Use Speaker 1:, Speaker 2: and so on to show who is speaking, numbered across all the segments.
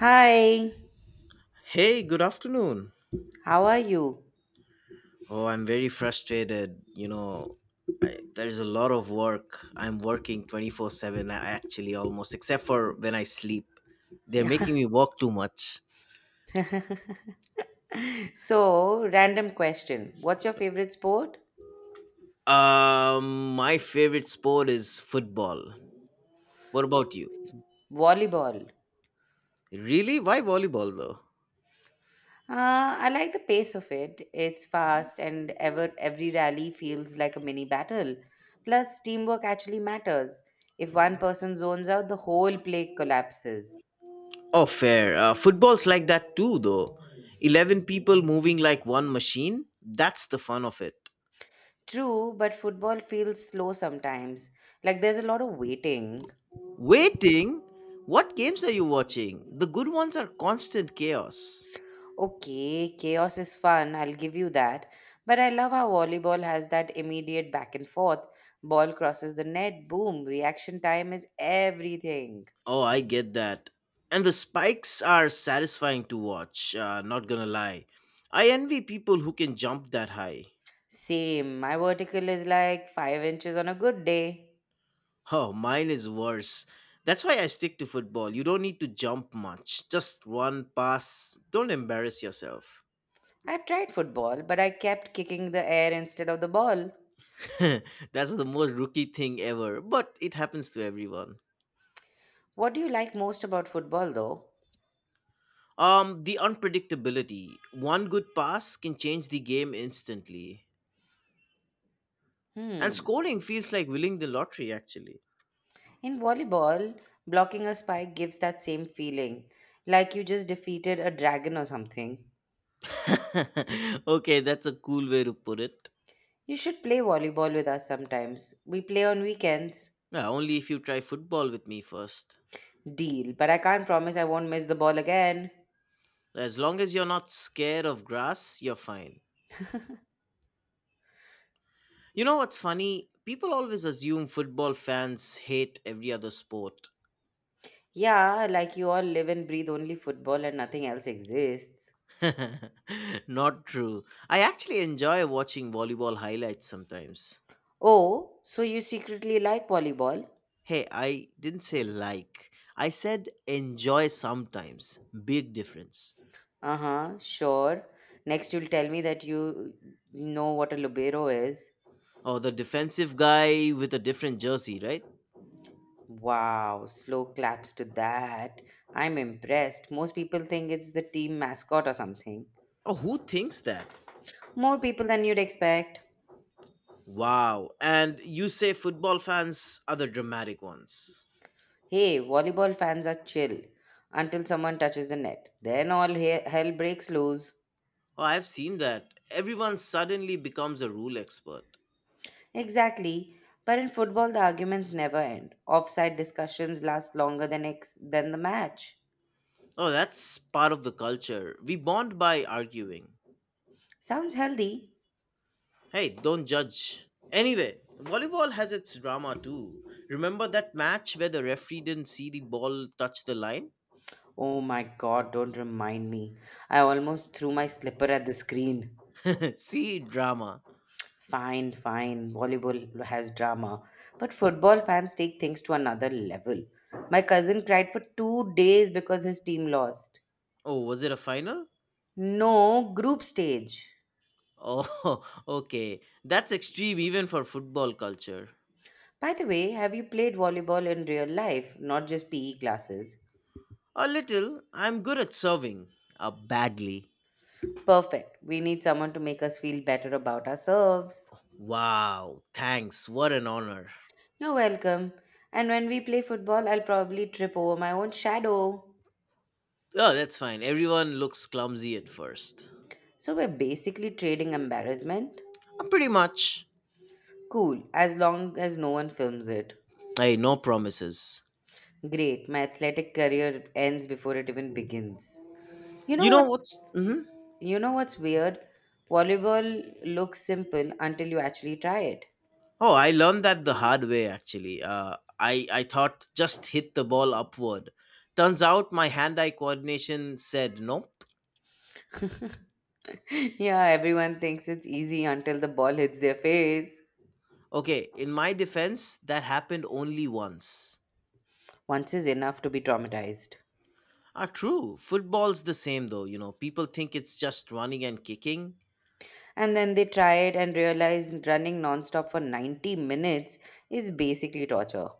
Speaker 1: Hi,
Speaker 2: Hey, good afternoon.
Speaker 1: how are you?
Speaker 2: Oh, I'm very frustrated. You know, there's a lot of work. I'm working 24 7, I actually, almost, except for when I sleep. They're making me walk too much.
Speaker 1: So, random question. What's your favorite sport?
Speaker 2: My favorite sport is football. What about you?
Speaker 1: Volleyball.
Speaker 2: Really? Why volleyball, though?
Speaker 1: I like the pace of it. It's fast and every rally feels like a mini battle. Plus, teamwork actually matters. If one person zones out, the whole play collapses.
Speaker 2: Oh, fair. Football's like that, too, though. 11 people moving like one machine. That's the fun of it.
Speaker 1: True, but football feels slow sometimes. Like there's a lot of waiting.
Speaker 2: Waiting? What games are you watching? The good ones are constant chaos.
Speaker 1: Okay, chaos is fun, I'll give you that. But I love how volleyball has that immediate back and forth. Ball crosses the net, boom, reaction time is everything.
Speaker 2: Oh, I get that. And the spikes are satisfying to watch, not gonna lie. I envy people who can jump that high.
Speaker 1: Same, my vertical is like 5 inches on a good day.
Speaker 2: Oh, mine is worse. That's why I stick to football. You don't need to jump much. Just one pass. Don't embarrass yourself.
Speaker 1: I've tried football, but I kept kicking the air instead of the ball.
Speaker 2: That's the most rookie thing ever, but it happens to everyone.
Speaker 1: What do you like most about football though?
Speaker 2: The unpredictability. One good pass can change the game instantly. And
Speaker 1: Hmm.
Speaker 2: scoring feels like winning the lottery, actually.
Speaker 1: In volleyball, blocking a spike gives that same feeling, like you just defeated a dragon or something.
Speaker 2: Okay, that's a cool way to put it.
Speaker 1: You should play volleyball with us sometimes. We play on weekends.
Speaker 2: Yeah, only if you try football with me first.
Speaker 1: Deal, but I can't promise I won't miss the ball again.
Speaker 2: As long as you're not scared of grass, you're fine. You know what's funny? People always assume football fans hate every other sport.
Speaker 1: Yeah, like you all live and breathe only football and nothing else exists.
Speaker 2: Not true. I actually enjoy watching volleyball highlights sometimes.
Speaker 1: Oh, so you secretly like volleyball?
Speaker 2: Hey, I didn't say like. I said enjoy sometimes. Big difference.
Speaker 1: Uh huh, sure. Next, you'll tell me that you know what a libero is.
Speaker 2: Oh, the defensive guy with a different jersey, right?
Speaker 1: Wow, slow claps to that. I'm impressed. Most people think it's the team mascot or something.
Speaker 2: Oh, who thinks that?
Speaker 1: More people than you'd expect.
Speaker 2: Wow. And you say football fans are the dramatic ones.
Speaker 1: Hey, volleyball fans are chill until someone touches the net. Then all hell breaks loose.
Speaker 2: Oh, I've seen that. Everyone suddenly becomes a rule expert.
Speaker 1: Exactly. But in football, the arguments never end. Offside discussions last longer than than the match.
Speaker 2: Oh, that's part of the culture. We bond by arguing.
Speaker 1: Sounds healthy.
Speaker 2: Hey, don't judge. Anyway, volleyball has its drama too. Remember that match where the referee didn't see the ball touch the line?
Speaker 1: Oh my god, don't remind me. I almost threw my slipper at the screen.
Speaker 2: See, drama.
Speaker 1: Fine, fine. Volleyball has drama. But football fans take things to another level. My cousin cried for 2 days because his team lost.
Speaker 2: Oh, was it a final?
Speaker 1: No, group stage.
Speaker 2: Oh, okay. That's extreme even for football culture.
Speaker 1: By the way, have you played volleyball in real life, not just PE classes?
Speaker 2: A little. I'm good at serving. Badly.
Speaker 1: Perfect. We need someone to make us feel better about ourselves.
Speaker 2: Wow, thanks. What an honor.
Speaker 1: You're welcome. And when we play football, I'll probably trip over my own shadow.
Speaker 2: Oh, that's fine. Everyone looks clumsy at first.
Speaker 1: So we're basically trading embarrassment?
Speaker 2: Pretty much.
Speaker 1: Cool, as long as no one films it.
Speaker 2: Hey, no promises.
Speaker 1: Great, my athletic career ends before it even begins. You know
Speaker 2: You know
Speaker 1: what's
Speaker 2: what's. Hmm
Speaker 1: you know what's weird? Volleyball looks simple until you actually try it.
Speaker 2: Oh, I learned that the hard way actually. I thought just hit the ball upward. Turns out my hand eye coordination said nope.
Speaker 1: Yeah, everyone thinks it's easy until the ball hits their face.
Speaker 2: Okay, in my defense, that happened only once.
Speaker 1: Once is enough to be traumatized.
Speaker 2: Ah, true. Football's the same though, you know. People think it's just running and kicking.
Speaker 1: And then they try it and realize running nonstop for 90 minutes is basically torture.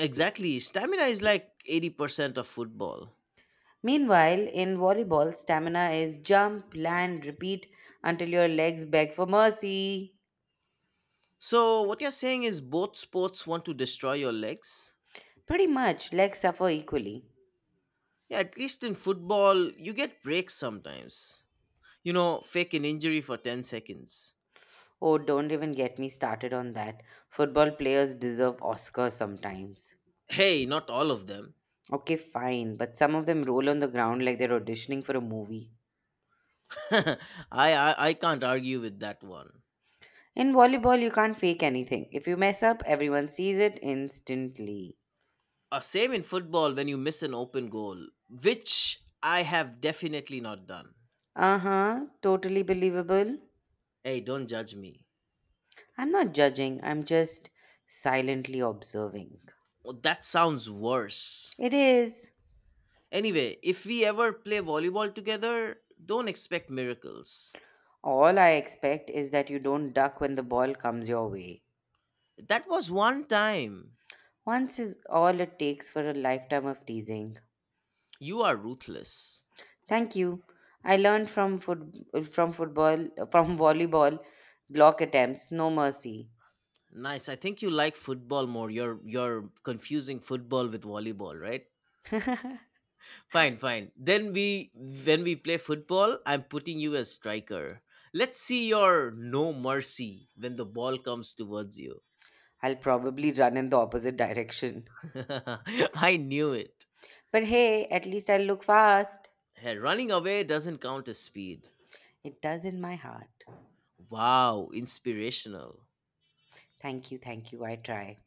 Speaker 2: Exactly. Stamina is like 80% of football.
Speaker 1: Meanwhile, in volleyball, stamina is jump, land, repeat until your legs beg for mercy.
Speaker 2: So, what you're saying is both sports want to destroy your legs?
Speaker 1: Pretty much, legs suffer equally.
Speaker 2: Yeah, at least in football, you get breaks sometimes. You know, fake an injury for 10 seconds.
Speaker 1: Oh, don't even get me started on that. Football players deserve Oscars sometimes.
Speaker 2: Hey, not all of them.
Speaker 1: Okay, fine, but some of them roll on the ground like they're auditioning for a movie.
Speaker 2: I, I can't argue with that one.
Speaker 1: In volleyball, you can't fake anything. If you mess up, everyone sees it instantly.
Speaker 2: Same in football when you miss an open goal, which I have definitely not done.
Speaker 1: Uh huh, totally believable.
Speaker 2: Hey, don't judge me.
Speaker 1: I'm not judging, I'm just silently observing.
Speaker 2: Well, that sounds worse.
Speaker 1: It is.
Speaker 2: Anyway, if we ever play volleyball together, don't expect miracles.
Speaker 1: All I expect is that you don't duck when the ball comes your way.
Speaker 2: That was one time.
Speaker 1: Once is all it takes for a lifetime of teasing.
Speaker 2: You are ruthless.
Speaker 1: Thank you. I learned from football from volleyball block attempts no mercy.
Speaker 2: Nice. I think you like football more. You're confusing football with volleyball, right? Fine, fine. Then we When we play football, I'm putting you as striker. Let's see your no mercy when the ball comes towards you.
Speaker 1: I'll probably run in the opposite direction.
Speaker 2: I knew it.
Speaker 1: But hey, at least I look fast.
Speaker 2: Hey, running away doesn't count as speed.
Speaker 1: It does in my heart.
Speaker 2: Wow, inspirational.
Speaker 1: Thank you, thank you. I try.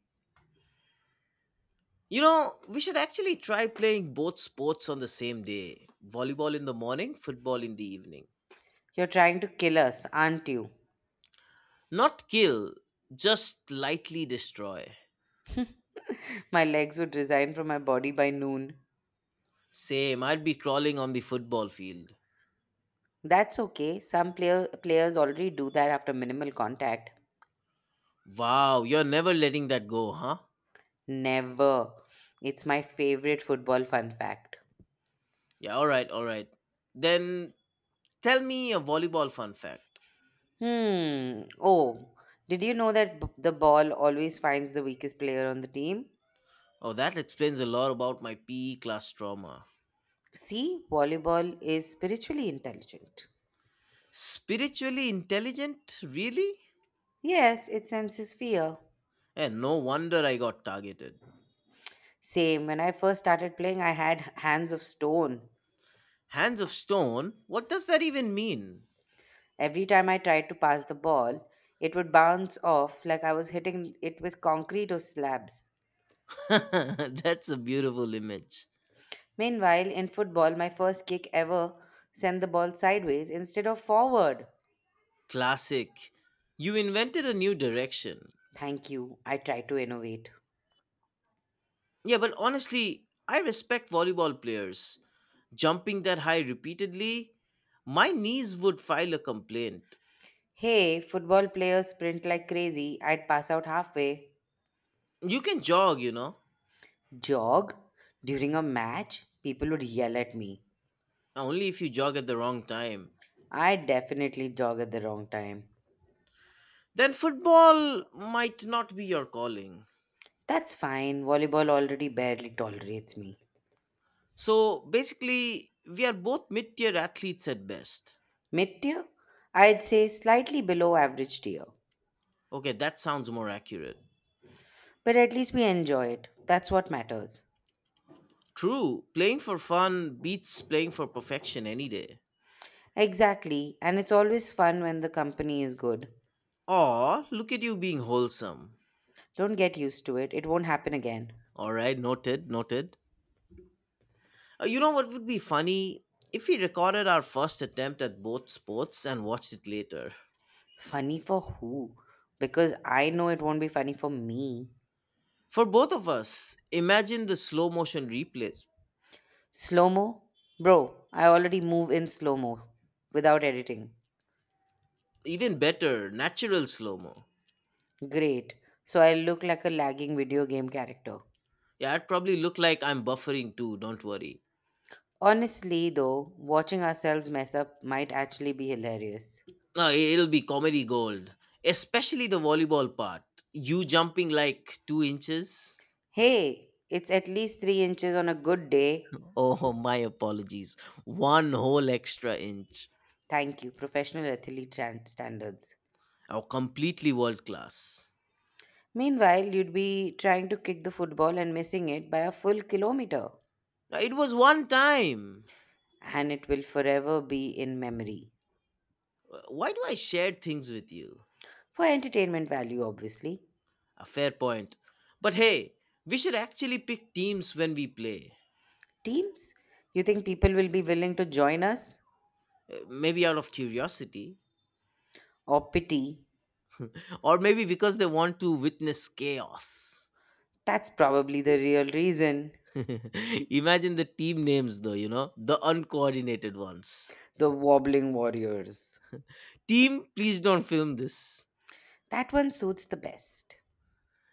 Speaker 2: You know, we should actually try playing both sports on the same day. Volleyball in the morning, football in the evening.
Speaker 1: You're trying to kill us, aren't you?
Speaker 2: Not kill, just lightly destroy.
Speaker 1: My legs would resign from my body by noon.
Speaker 2: Same, I'd be crawling on the football field.
Speaker 1: That's okay. Some players already do that after minimal contact.
Speaker 2: Wow, you're never letting that go, huh?
Speaker 1: Never. It's my favorite football fun fact.
Speaker 2: Yeah, all right, all right. Then tell me a volleyball fun fact.
Speaker 1: Hmm. Oh, did you know that the ball always finds the weakest player on the team?
Speaker 2: Oh, that explains a lot about my PE class trauma.
Speaker 1: See, volleyball is spiritually intelligent.
Speaker 2: Spiritually intelligent? Really?
Speaker 1: Yes, it senses fear.
Speaker 2: And no wonder I got targeted.
Speaker 1: Same. When I first started playing, I had hands of stone.
Speaker 2: Hands of stone? What does that even mean?
Speaker 1: Every time I tried to pass the ball, it would bounce off like I was hitting it with concrete or slabs.
Speaker 2: That's a beautiful image.
Speaker 1: Meanwhile, in football, my first kick ever sent the ball sideways instead of forward.
Speaker 2: Classic. You invented a new direction.
Speaker 1: Thank you. I tried to innovate.
Speaker 2: Yeah, but honestly, I respect volleyball players. Jumping that high repeatedly, my knees would file a complaint.
Speaker 1: Hey, football players sprint like crazy. I'd pass out halfway.
Speaker 2: You can jog, you know,
Speaker 1: Jog? During a match, people would yell at me.
Speaker 2: only if you jog at the wrong time.
Speaker 1: I definitely jog at the wrong time.
Speaker 2: Then football might not be your calling.
Speaker 1: That's fine. Volleyball already barely tolerates me.
Speaker 2: So basically, we are both mid tier athletes at best.
Speaker 1: Mid tier? I'd say slightly below average tier.
Speaker 2: Okay, that sounds more accurate.
Speaker 1: But at least we enjoy it. That's what matters.
Speaker 2: True, playing for fun beats playing for perfection any day.
Speaker 1: Exactly. And it's always fun when the company is good.
Speaker 2: Aw, look at you being wholesome.
Speaker 1: Don't get used to it. It won't happen again.
Speaker 2: Alright, noted, noted. You know what would be funny? If we recorded our first attempt at both sports and watched it later.
Speaker 1: Funny for who? Because I know it won't be funny for me.
Speaker 2: For both of us, imagine the slow motion replays.
Speaker 1: Slow mo? Bro, I already move in slow mo without editing.
Speaker 2: Even better, natural slow mo.
Speaker 1: Great. So I look like a lagging video game character.
Speaker 2: Yeah, I'd probably look like I'm buffering too, don't worry.
Speaker 1: Honestly, though, watching ourselves mess up might actually be hilarious.
Speaker 2: No, I- It'll be comedy gold. Especially the volleyball part. You jumping like 2 inches?
Speaker 1: Hey, it's at least 3 inches on a good day.
Speaker 2: Oh, my apologies. One whole extra inch.
Speaker 1: Thank you, professional standards.
Speaker 2: Oh, completely world class.
Speaker 1: Meanwhile, you'd be trying to kick the football and missing it by a full kilometer.
Speaker 2: Now, it was one time.
Speaker 1: And it will forever be in memory.
Speaker 2: Why do I share things with you?
Speaker 1: For entertainment value, obviously.
Speaker 2: A fair point. But hey, we should actually pick teams when we play.
Speaker 1: Teams? You think people will be willing to join us?
Speaker 2: Maybe out of curiosity,
Speaker 1: Or pity?
Speaker 2: or maybe because they want to witness chaos.
Speaker 1: That's probably the real reason.
Speaker 2: Imagine the team names, though, you know, the uncoordinated ones.
Speaker 1: The wobbling warriors.
Speaker 2: Team, please don't film this.
Speaker 1: That one suits the best.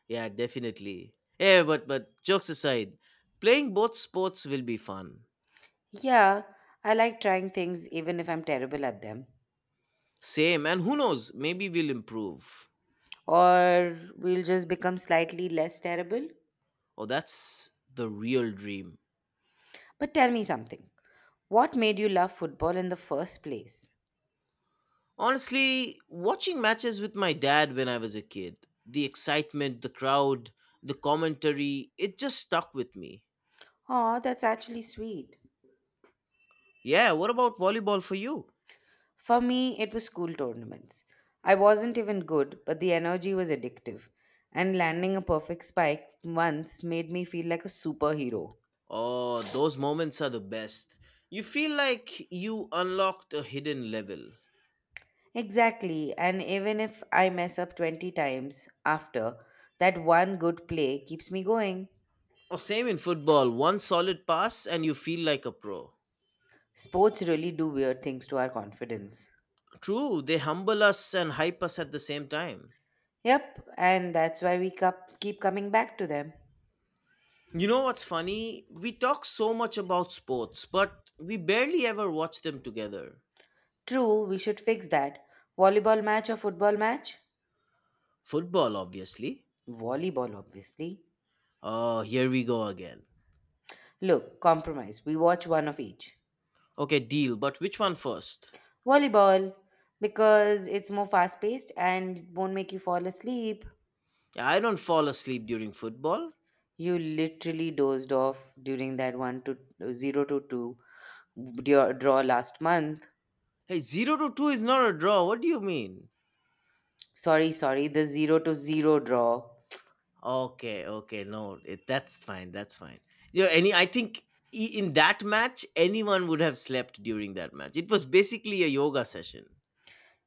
Speaker 2: Yeah, definitely. Yeah, but jokes aside, playing both sports will be fun.
Speaker 1: Yeah, I like trying things even if I'm terrible at them.
Speaker 2: Same, and who knows, maybe we'll improve.
Speaker 1: Or we'll just become slightly less terrible.
Speaker 2: Oh, that's the real dream.
Speaker 1: But tell me something. What made you love football in the first place?
Speaker 2: Honestly, watching matches with my dad when I was a kid, the excitement, the crowd, the commentary, it just stuck with me.
Speaker 1: Oh, that's actually sweet.
Speaker 2: Yeah, what about volleyball for you?
Speaker 1: For me, it was school tournaments. I wasn't even good, but the energy was addictive. And landing a perfect spike once made me feel like a superhero.
Speaker 2: Oh, those moments are the best. You feel like you unlocked a hidden level.
Speaker 1: Exactly. And even if I mess up 20 times after, that one good play keeps me going.
Speaker 2: Oh, same in football, one solid pass and you feel like a pro.
Speaker 1: Sports really do weird things to our confidence.
Speaker 2: True, they humble us and hype us at the same time.
Speaker 1: Yep, and that's why we keep coming back to them.
Speaker 2: You know what's funny? We talk so much about sports, but we barely ever watch them together.
Speaker 1: True, we should fix that. Volleyball match or football match?
Speaker 2: Football, obviously.
Speaker 1: Volleyball, obviously.
Speaker 2: Oh, here we go again.
Speaker 1: Look, compromise. We watch one of each.
Speaker 2: Okay, deal, but which one first?
Speaker 1: Volleyball, because it's more fast paced and won't make you fall asleep.
Speaker 2: Yeah, I don't fall asleep during football.
Speaker 1: You literally dozed off during that 1 to 0 to 2 draw last month.
Speaker 2: Hey, 0 to 2 is not a draw. What do you mean?
Speaker 1: Sorry, sorry, the 0 to 0 draw.
Speaker 2: Okay, okay, no, that's fine, that's fine. You know, I think in that match, anyone would have slept during that match. It was basically a yoga session.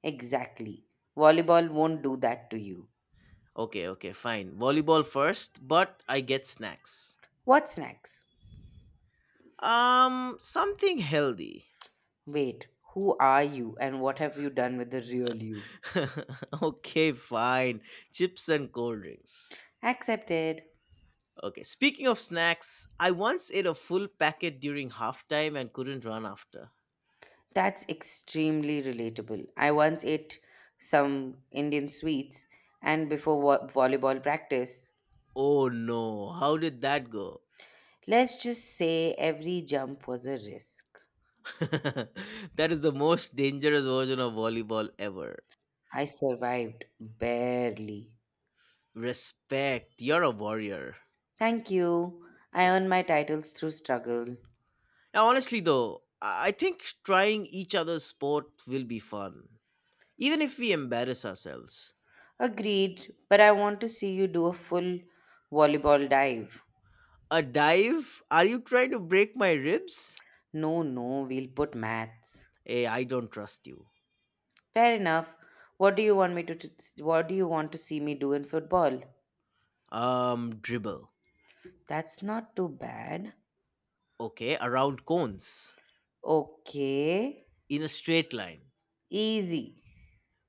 Speaker 1: Exactly. Volleyball won't do that to you.
Speaker 2: Okay, okay, fine. Volleyball first, but I get snacks.
Speaker 1: What's next?
Speaker 2: Something healthy.
Speaker 1: Wait, who are you and what have you done with the real you?
Speaker 2: Okay, fine. Chips and cold drinks.
Speaker 1: Accepted.
Speaker 2: Okay, speaking of snacks, I once ate a full packet during halftime and couldn't run after.
Speaker 1: That's extremely relatable. I once ate some Indian sweets and before volleyball practice,
Speaker 2: Oh no, how did that go?
Speaker 1: let's just say every jump was a risk.
Speaker 2: That is the most dangerous version of volleyball ever.
Speaker 1: I survived, barely.
Speaker 2: Respect, you're a warrior.
Speaker 1: Thank you. I earned my titles through struggle.
Speaker 2: Now, honestly, though, I think trying each other's sport will be fun, even if we embarrass ourselves.
Speaker 1: Agreed, but I want to see you do a full volleyball dive.
Speaker 2: A dive? Are you trying to break my ribs?
Speaker 1: No, no, we'll put maths.
Speaker 2: Hey, I don't trust you.
Speaker 1: Fair enough. What do you want me to, to what do you want to see me do in football?
Speaker 2: Dribble.
Speaker 1: That's not too bad.
Speaker 2: Okay, around cones
Speaker 1: Okay.
Speaker 2: in a straight line
Speaker 1: Easy.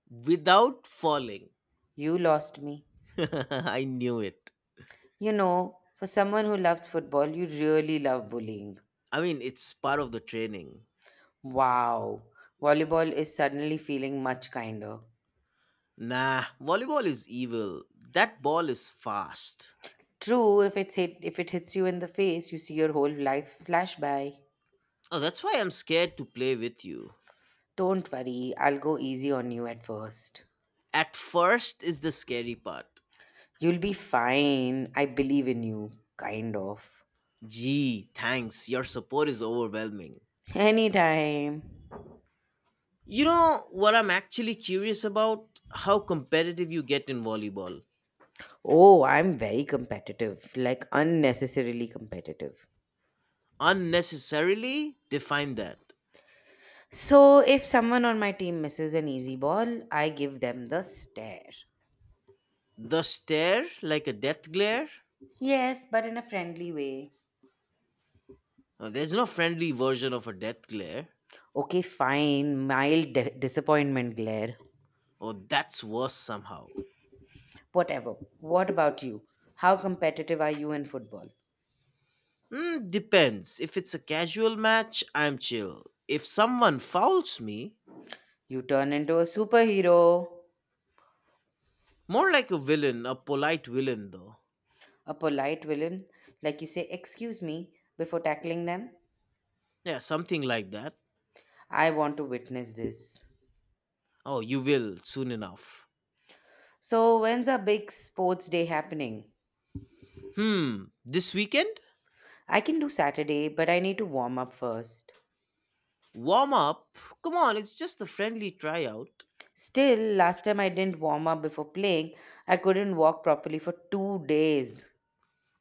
Speaker 2: without falling.
Speaker 1: You lost me.
Speaker 2: I knew it.
Speaker 1: You know, for someone who loves football, you really love bullying.
Speaker 2: I mean, it's part of the training.
Speaker 1: Wow, volleyball is suddenly feeling much kinder.
Speaker 2: Nah, volleyball is evil. That ball is fast.
Speaker 1: True, if it hits you in the face, you see your whole life flash by.
Speaker 2: Oh, that's why I'm scared to play with you.
Speaker 1: Don't worry, I'll go easy on you at first.
Speaker 2: At first is the scary part.
Speaker 1: You'll be fine. I believe in you, kind of.
Speaker 2: Gee, thanks. Your support is overwhelming.
Speaker 1: Anytime.
Speaker 2: You know what I'm actually curious about? How competitive you get in volleyball.
Speaker 1: Oh, I'm very competitive, like unnecessarily competitive.
Speaker 2: Unnecessarily define that.
Speaker 1: So, if someone on my team misses an easy ball, I give them the stare.
Speaker 2: The stare, like a death glare?
Speaker 1: Yes, but in a friendly way.
Speaker 2: Oh, there's no friendly version of a death glare.
Speaker 1: Okay, fine. Mild disappointment, glare.
Speaker 2: Oh, that's worse somehow.
Speaker 1: Whatever. What about you? How competitive are you in football?
Speaker 2: Hmm, depends. If it's a casual match, I'm chill. If someone fouls me,
Speaker 1: You turn into a superhero,
Speaker 2: more like a villain, a polite villain though.
Speaker 1: a polite villain, like you say, excuse me, before tackling them.
Speaker 2: Yeah, something like that.
Speaker 1: I want to witness this.
Speaker 2: Oh, you will soon enough.
Speaker 1: So, when's our big sports day happening?
Speaker 2: Hmm, this weekend?
Speaker 1: I can do Saturday, but I need to warm up first.
Speaker 2: Warm up? Come on, it's just a friendly tryout.
Speaker 1: Still, last time I didn't warm up before playing, I couldn't walk properly for 2 days.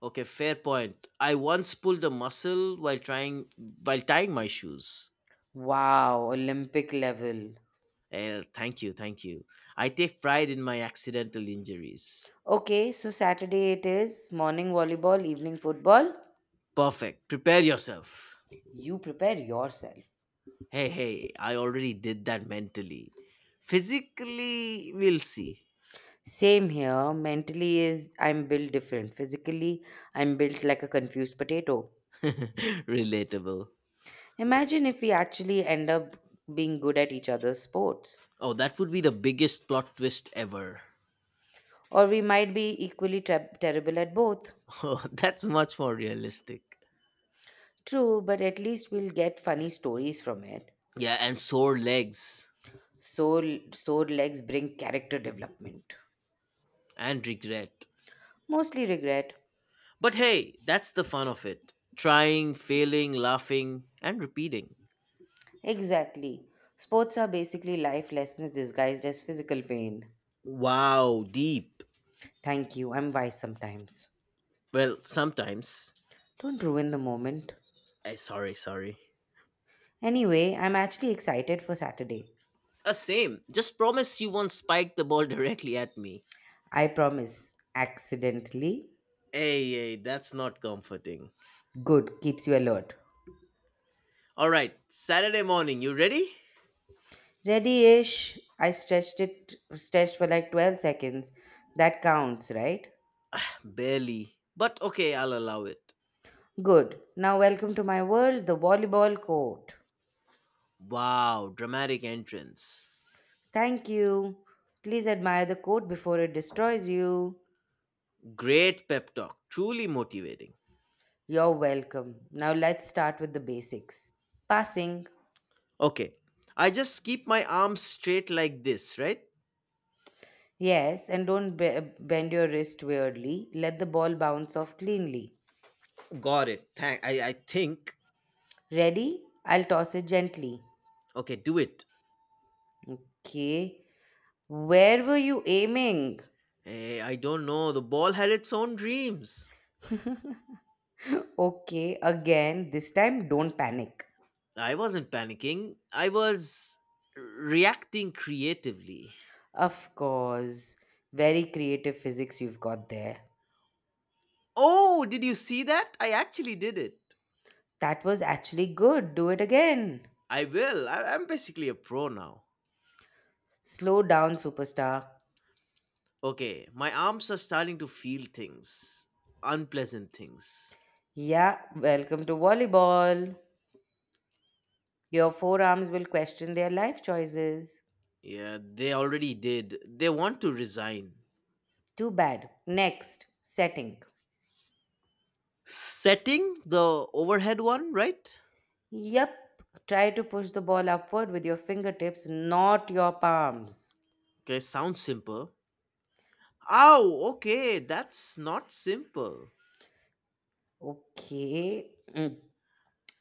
Speaker 2: Okay, fair point. I once pulled a muscle while tying my shoes.
Speaker 1: Wow, Olympic level.
Speaker 2: Eh, thank you, thank you. I take pride in my accidental injuries.
Speaker 1: Okay, so Saturday it is morning volleyball, evening football.
Speaker 2: Perfect. Prepare yourself.
Speaker 1: You prepare yourself.
Speaker 2: Hey, hey, I already did that mentally. Physically, we'll see.
Speaker 1: Same here. Mentally is I'm built different. Physically, I'm built like a confused potato.
Speaker 2: Relatable.
Speaker 1: Imagine if we actually end up being good at each other's sports.
Speaker 2: Oh, that would be the biggest plot twist ever.
Speaker 1: Or we might be equally terrible at both.
Speaker 2: Oh, that's much more realistic.
Speaker 1: True, but at least we'll get funny stories from it.
Speaker 2: Yeah, and sore legs
Speaker 1: Sore legs bring character development.
Speaker 2: and regret.
Speaker 1: Mostly regret.
Speaker 2: But hey, that's the fun of it. Trying, failing, laughing, and repeating.
Speaker 1: Exactly. Sports are basically life lessons disguised as physical pain.
Speaker 2: Wow, deep.
Speaker 1: Thank you, I'm wise sometimes.
Speaker 2: Well, sometimes.
Speaker 1: Don't ruin the moment.
Speaker 2: I Sorry, sorry.
Speaker 1: Anyway, I'm actually excited for Saturday.
Speaker 2: Same. Just promise you won't spike the ball directly at me.
Speaker 1: I promise. Accidentally.
Speaker 2: Hey, hey, that's not comforting.
Speaker 1: Good, keeps you alert.
Speaker 2: All right, Saturday morning, you ready?
Speaker 1: Ready-ish. I stretched for like 12 seconds. That counts, right?
Speaker 2: Barely. But okay, I'll allow it.
Speaker 1: Good. Now welcome to my world, the volleyball court.
Speaker 2: Wow, dramatic entrance.
Speaker 1: Thank you. Please admire the court before it destroys you.
Speaker 2: Great pep talk, truly motivating.
Speaker 1: You're welcome. Now let's start with the basics. Passing.
Speaker 2: Okay, I just keep my arms straight like this, right?
Speaker 1: Yes, and don't bend your wrist weirdly. Let the ball bounce off cleanly.
Speaker 2: Got it. I think.
Speaker 1: Ready? I'll toss it gently.
Speaker 2: Okay, do it.
Speaker 1: Okay. Where were you aiming?
Speaker 2: Hey, I don't know. The ball had its own dreams.
Speaker 1: Okay, again. This time, don't panic.
Speaker 2: I wasn't panicking. I was reacting creatively.
Speaker 1: Of course. Very creative physics you've got there.
Speaker 2: Oh, did you see that? I actually did it.
Speaker 1: That was actually good. Do it again.
Speaker 2: I will. I'm basically a pro now.
Speaker 1: Slow down, superstar.
Speaker 2: Okay, my arms are starting to feel things. Unpleasant things.
Speaker 1: Yeah, welcome to volleyball. Your forearms will question their life choices.
Speaker 2: Yeah, they already did. They want to resign.
Speaker 1: Too bad. Next, setting.
Speaker 2: Setting the overhead one, right?
Speaker 1: Yep. Try to push the ball upward with your fingertips, not your palms.
Speaker 2: Okay, sounds simple. Ow, okay, that's not simple.
Speaker 1: Okay. Mm.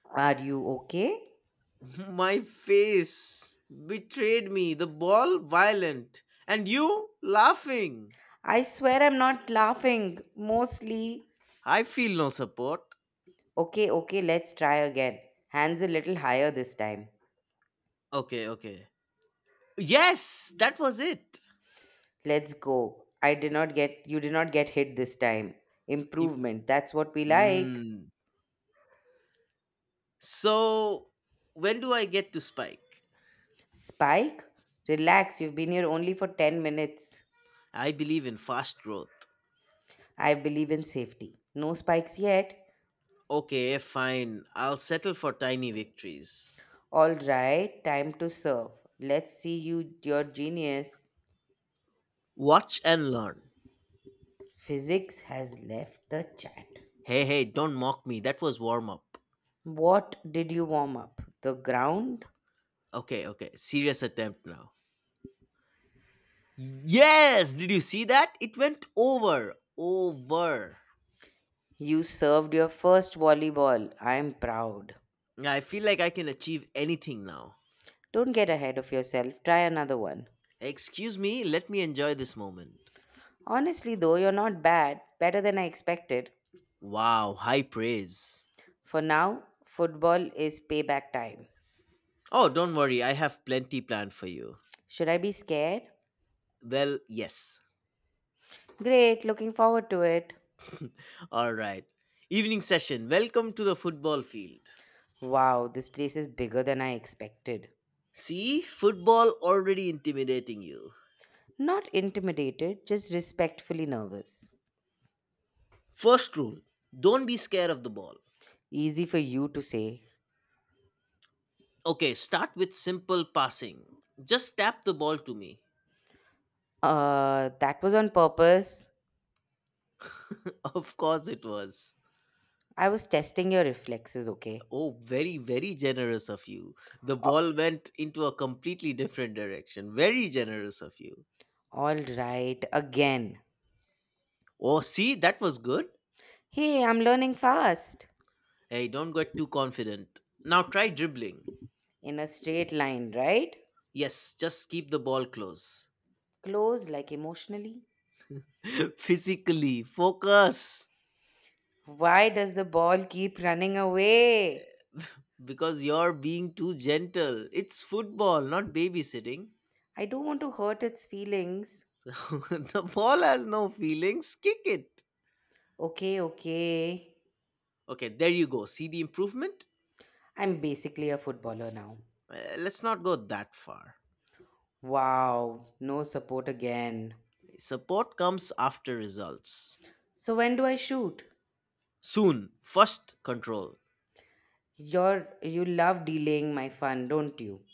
Speaker 1: Are you okay?
Speaker 2: My face betrayed me, the ball violent, and you laughing.
Speaker 1: I swear I'm not laughing. Mostly.
Speaker 2: I feel no support.
Speaker 1: Okay, okay, let's try again. Hands a little higher this time.
Speaker 2: Okay, okay. Yes, that was it.
Speaker 1: Let's go. I did not get you did not get hit this time.
Speaker 2: Im-
Speaker 1: Improvement. That's what we like.
Speaker 2: Mm. So, when do I get to spike?
Speaker 1: Spike? Relax, you've been here only for 10 minutes.
Speaker 2: I believe in fast growth.
Speaker 1: I believe in safety. No spikes yet.
Speaker 2: Okay, fine. I'll settle for tiny victories.
Speaker 1: All right, time to serve. Let's see you, your genius.
Speaker 2: Watch and learn.
Speaker 1: Physics has left the chat.
Speaker 2: Hey, hey, don't mock me. That was warm up.
Speaker 1: What did you warm up? The ground?
Speaker 2: Okay, okay. Serious attempt now. Yes, did you see that? It went over.
Speaker 1: You served your first volleyball. I'm proud.
Speaker 2: I feel like I can achieve anything now.
Speaker 1: Don't get ahead of yourself. Try another one.
Speaker 2: Excuse me, let me enjoy this moment.
Speaker 1: Honestly, though, you're not bad. Better than I expected.
Speaker 2: Wow, high praise.
Speaker 1: For now, football is payback time.
Speaker 2: Oh, don't worry, I have plenty planned for you.
Speaker 1: Should I be scared?
Speaker 2: Well, yes.
Speaker 1: Great, looking forward to it.
Speaker 2: All right. Evening session. Welcome to the football field.
Speaker 1: Wow, this place is bigger than I expected.
Speaker 2: See, football already intimidating you.
Speaker 1: Not intimidated, just respectfully nervous.
Speaker 2: First rule don't be scared of the ball.
Speaker 1: Easy for you to say.
Speaker 2: Okay, start with simple passing. Just tap the ball to me.
Speaker 1: That was on purpose.
Speaker 2: Of course it was.
Speaker 1: I was testing your reflexes, okay?
Speaker 2: Oh, very, very generous of you. The
Speaker 1: A-
Speaker 2: ball went into a completely different direction. Very generous of you.
Speaker 1: All right, again.
Speaker 2: Oh, see, that was good.
Speaker 1: Hey, I'm learning fast.
Speaker 2: Hey, don't get too confident. Now try dribbling.
Speaker 1: In a straight line, right?
Speaker 2: Yes, just keep the ball close.
Speaker 1: Close, like emotionally.
Speaker 2: Physically, focus.
Speaker 1: Why does the ball keep running away?
Speaker 2: Because you're being too gentle. It's football, not babysitting.
Speaker 1: I don't want to hurt its feelings.
Speaker 2: The ball has no feelings. Kick it.
Speaker 1: Okay, okay.
Speaker 2: Okay, there you go. See the improvement?
Speaker 1: I'm basically a footballer now.
Speaker 2: Let's not go that far.
Speaker 1: Wow, no support again.
Speaker 2: Support comes after results.
Speaker 1: So when do I shoot?
Speaker 2: Soon, first control.
Speaker 1: You love delaying my fun, don't you?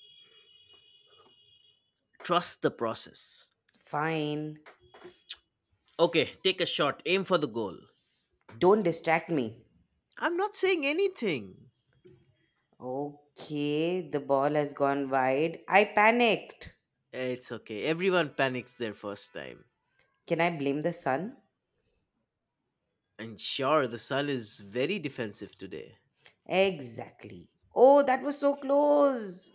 Speaker 2: Trust the process.
Speaker 1: Fine.
Speaker 2: Okay, take a shot, aim for the goal.
Speaker 1: Don't distract me.
Speaker 2: I'm not saying anything.
Speaker 1: Okay, the ball has gone wide. I panicked.
Speaker 2: It's okay, everyone panics their first time.
Speaker 1: Can I blame the sun?
Speaker 2: And sure, the sun is very defensive today.
Speaker 1: Exactly. Oh, that was so close.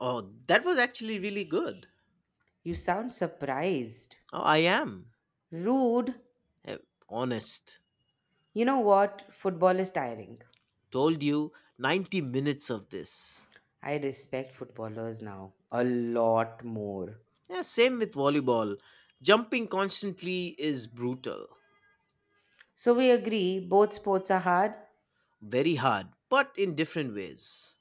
Speaker 2: Oh, that was actually really good.
Speaker 1: You sound surprised.
Speaker 2: Oh, I am.
Speaker 1: Rude.
Speaker 2: Eh, honest.
Speaker 1: You know what? Football is tiring.
Speaker 2: Told you 90 minutes of this.
Speaker 1: I respect footballers now a lot more.
Speaker 2: Yeah, same with volleyball. Jumping constantly is brutal.
Speaker 1: So we agree both sports are hard,
Speaker 2: Very hard but in different ways.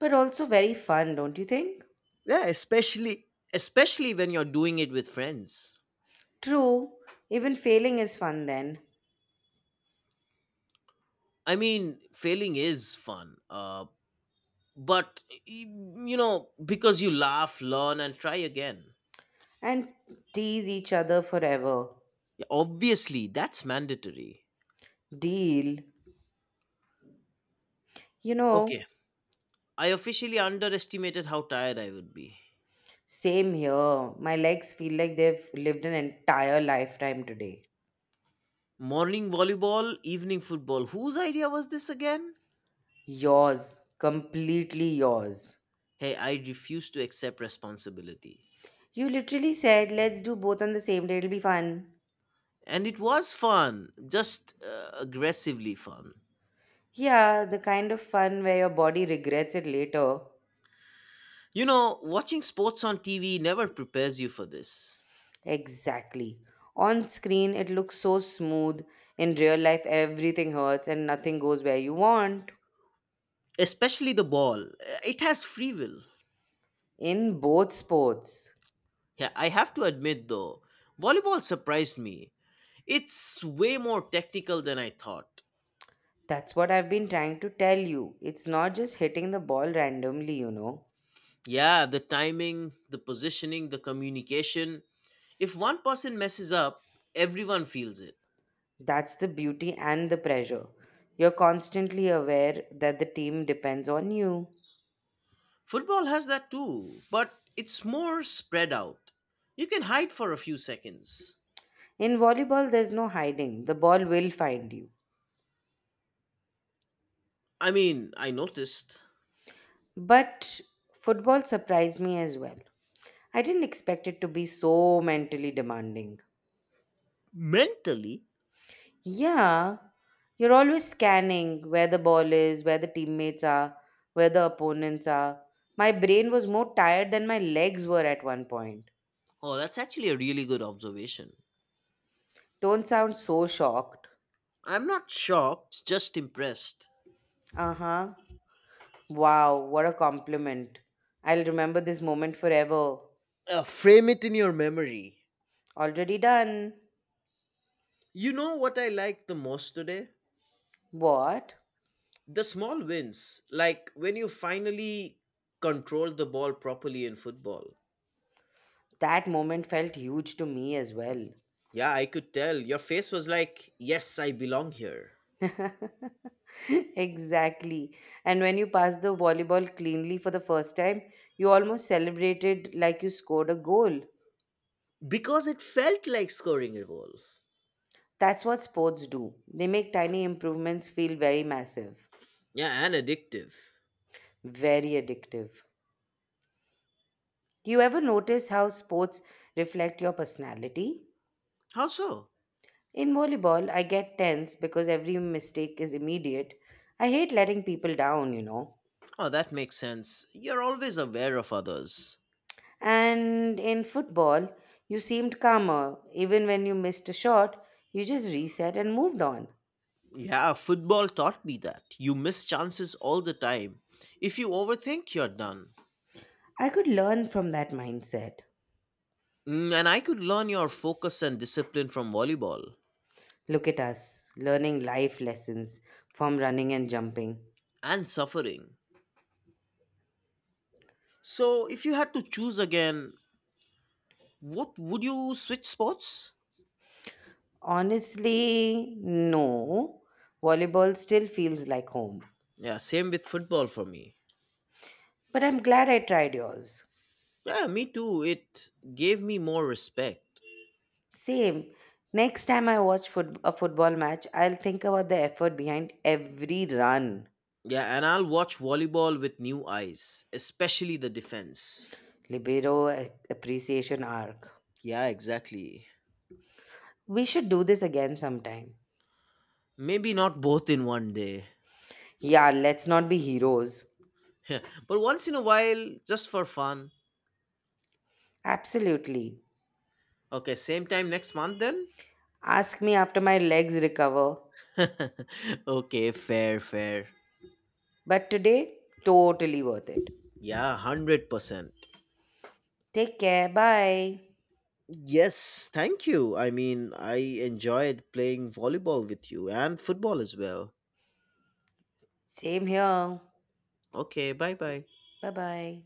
Speaker 1: but also very fun, don't you think?
Speaker 2: Yeah, especially when you're doing it with friends.
Speaker 1: True, even failing is fun then,
Speaker 2: I mean failing is fun, but you know, because you laugh, learn and try again.
Speaker 1: and tease each other forever.
Speaker 2: Yeah, obviously that's mandatory.
Speaker 1: Deal. You
Speaker 2: Okay,
Speaker 1: know,
Speaker 2: I officially underestimated how tired I would be.
Speaker 1: same here. My legs feel like they've lived an entire lifetime today.
Speaker 2: Morning volleyball, evening football, whose idea was this again?
Speaker 1: Yours, completely yours.
Speaker 2: Hey, I refuse to accept responsibility.
Speaker 1: You literally said, let's do both on the same day, it'll be fun.
Speaker 2: And it was fun, just aggressively fun.
Speaker 1: Yeah, the kind of fun where your body regrets it later.
Speaker 2: You know, watching sports on TV never prepares you for this.
Speaker 1: Exactly. On screen, it looks so smooth. In real life, everything hurts and nothing goes where you want.
Speaker 2: Especially the ball. It has free will.
Speaker 1: In both sports.
Speaker 2: Yeah, I have to admit though, volleyball surprised me. It's way more technical than I thought.
Speaker 1: That's what I've been trying to tell you. It's not just hitting the ball randomly, you know.
Speaker 2: Yeah, the timing, the positioning, the communication. If one person messes up, everyone feels it.
Speaker 1: That's the beauty and the pressure. You're constantly aware that the team depends on you.
Speaker 2: Football has that too, but it's more spread out. You can hide for a few seconds.
Speaker 1: In volleyball, there's no hiding, the ball will find you.
Speaker 2: I mean, I noticed.
Speaker 1: But football surprised me as well. I didn't expect it to be so mentally demanding.
Speaker 2: Mentally,
Speaker 1: Yeah, you're always scanning where the ball is, where the teammates are, where the opponents are. My brain was more tired than my legs were at one point.
Speaker 2: oh, that's actually a really good observation.
Speaker 1: Don't sound so shocked.
Speaker 2: I'm not shocked, just impressed.
Speaker 1: Uh huh. Wow, what a compliment. I'll remember this moment forever.
Speaker 2: Frame it in your memory.
Speaker 1: Already done.
Speaker 2: You know what I like the most today?
Speaker 1: What?
Speaker 2: The small wins, like when you finally control the ball properly in football.
Speaker 1: That moment felt huge to me as well.
Speaker 2: Yeah, I could tell. Your face was like, yes, I belong here.
Speaker 1: exactly. And when you passed the volleyball cleanly for the first time, you almost celebrated like you scored a goal.
Speaker 2: Because it felt like scoring a goal.
Speaker 1: That's what sports do. They make tiny improvements feel very massive,
Speaker 2: Yeah, and addictive.
Speaker 1: very addictive. Do you ever notice how sports reflect your personality?
Speaker 2: How so?
Speaker 1: In volleyball, I get tense because every mistake is immediate. I hate letting people down, you know.
Speaker 2: Oh, that makes sense. You're always aware of others.
Speaker 1: And in football, you seemed calmer. Even when you missed a shot, you just reset and moved on.
Speaker 2: Yeah, football taught me that. You miss chances all the time. If you overthink, you're done.
Speaker 1: I could learn from that mindset.
Speaker 2: Mm, and I could learn your focus and discipline from volleyball
Speaker 1: Look at us, learning life lessons from running and jumping.
Speaker 2: and suffering. So, if you had to choose again, what would you switch sports?
Speaker 1: Honestly, no. Volleyball still feels like home.
Speaker 2: Yeah, same with football for me.
Speaker 1: But I'm glad I tried yours.
Speaker 2: Yeah, me too. It gave me more respect.
Speaker 1: Same. Next time I watch a football match, I'll think about the effort behind every run.
Speaker 2: Yeah, and I'll watch volleyball with new eyes, especially the defense.
Speaker 1: Libero eh, appreciation arc.
Speaker 2: Yeah, exactly.
Speaker 1: We should do this again sometime.
Speaker 2: Maybe not both in one day.
Speaker 1: Yeah, let's not be heroes.
Speaker 2: Yeah, but once in a while, just for fun.
Speaker 1: Absolutely.
Speaker 2: Okay, same time next month then?
Speaker 1: Ask me after my legs recover.
Speaker 2: Okay, fair, fair.
Speaker 1: But today, totally worth it.
Speaker 2: Yeah, 100%.
Speaker 1: Take care. Bye.
Speaker 2: Yes, thank you. I enjoyed playing volleyball with you and football as well.
Speaker 1: Same here.
Speaker 2: Okay, bye bye.
Speaker 1: Bye bye.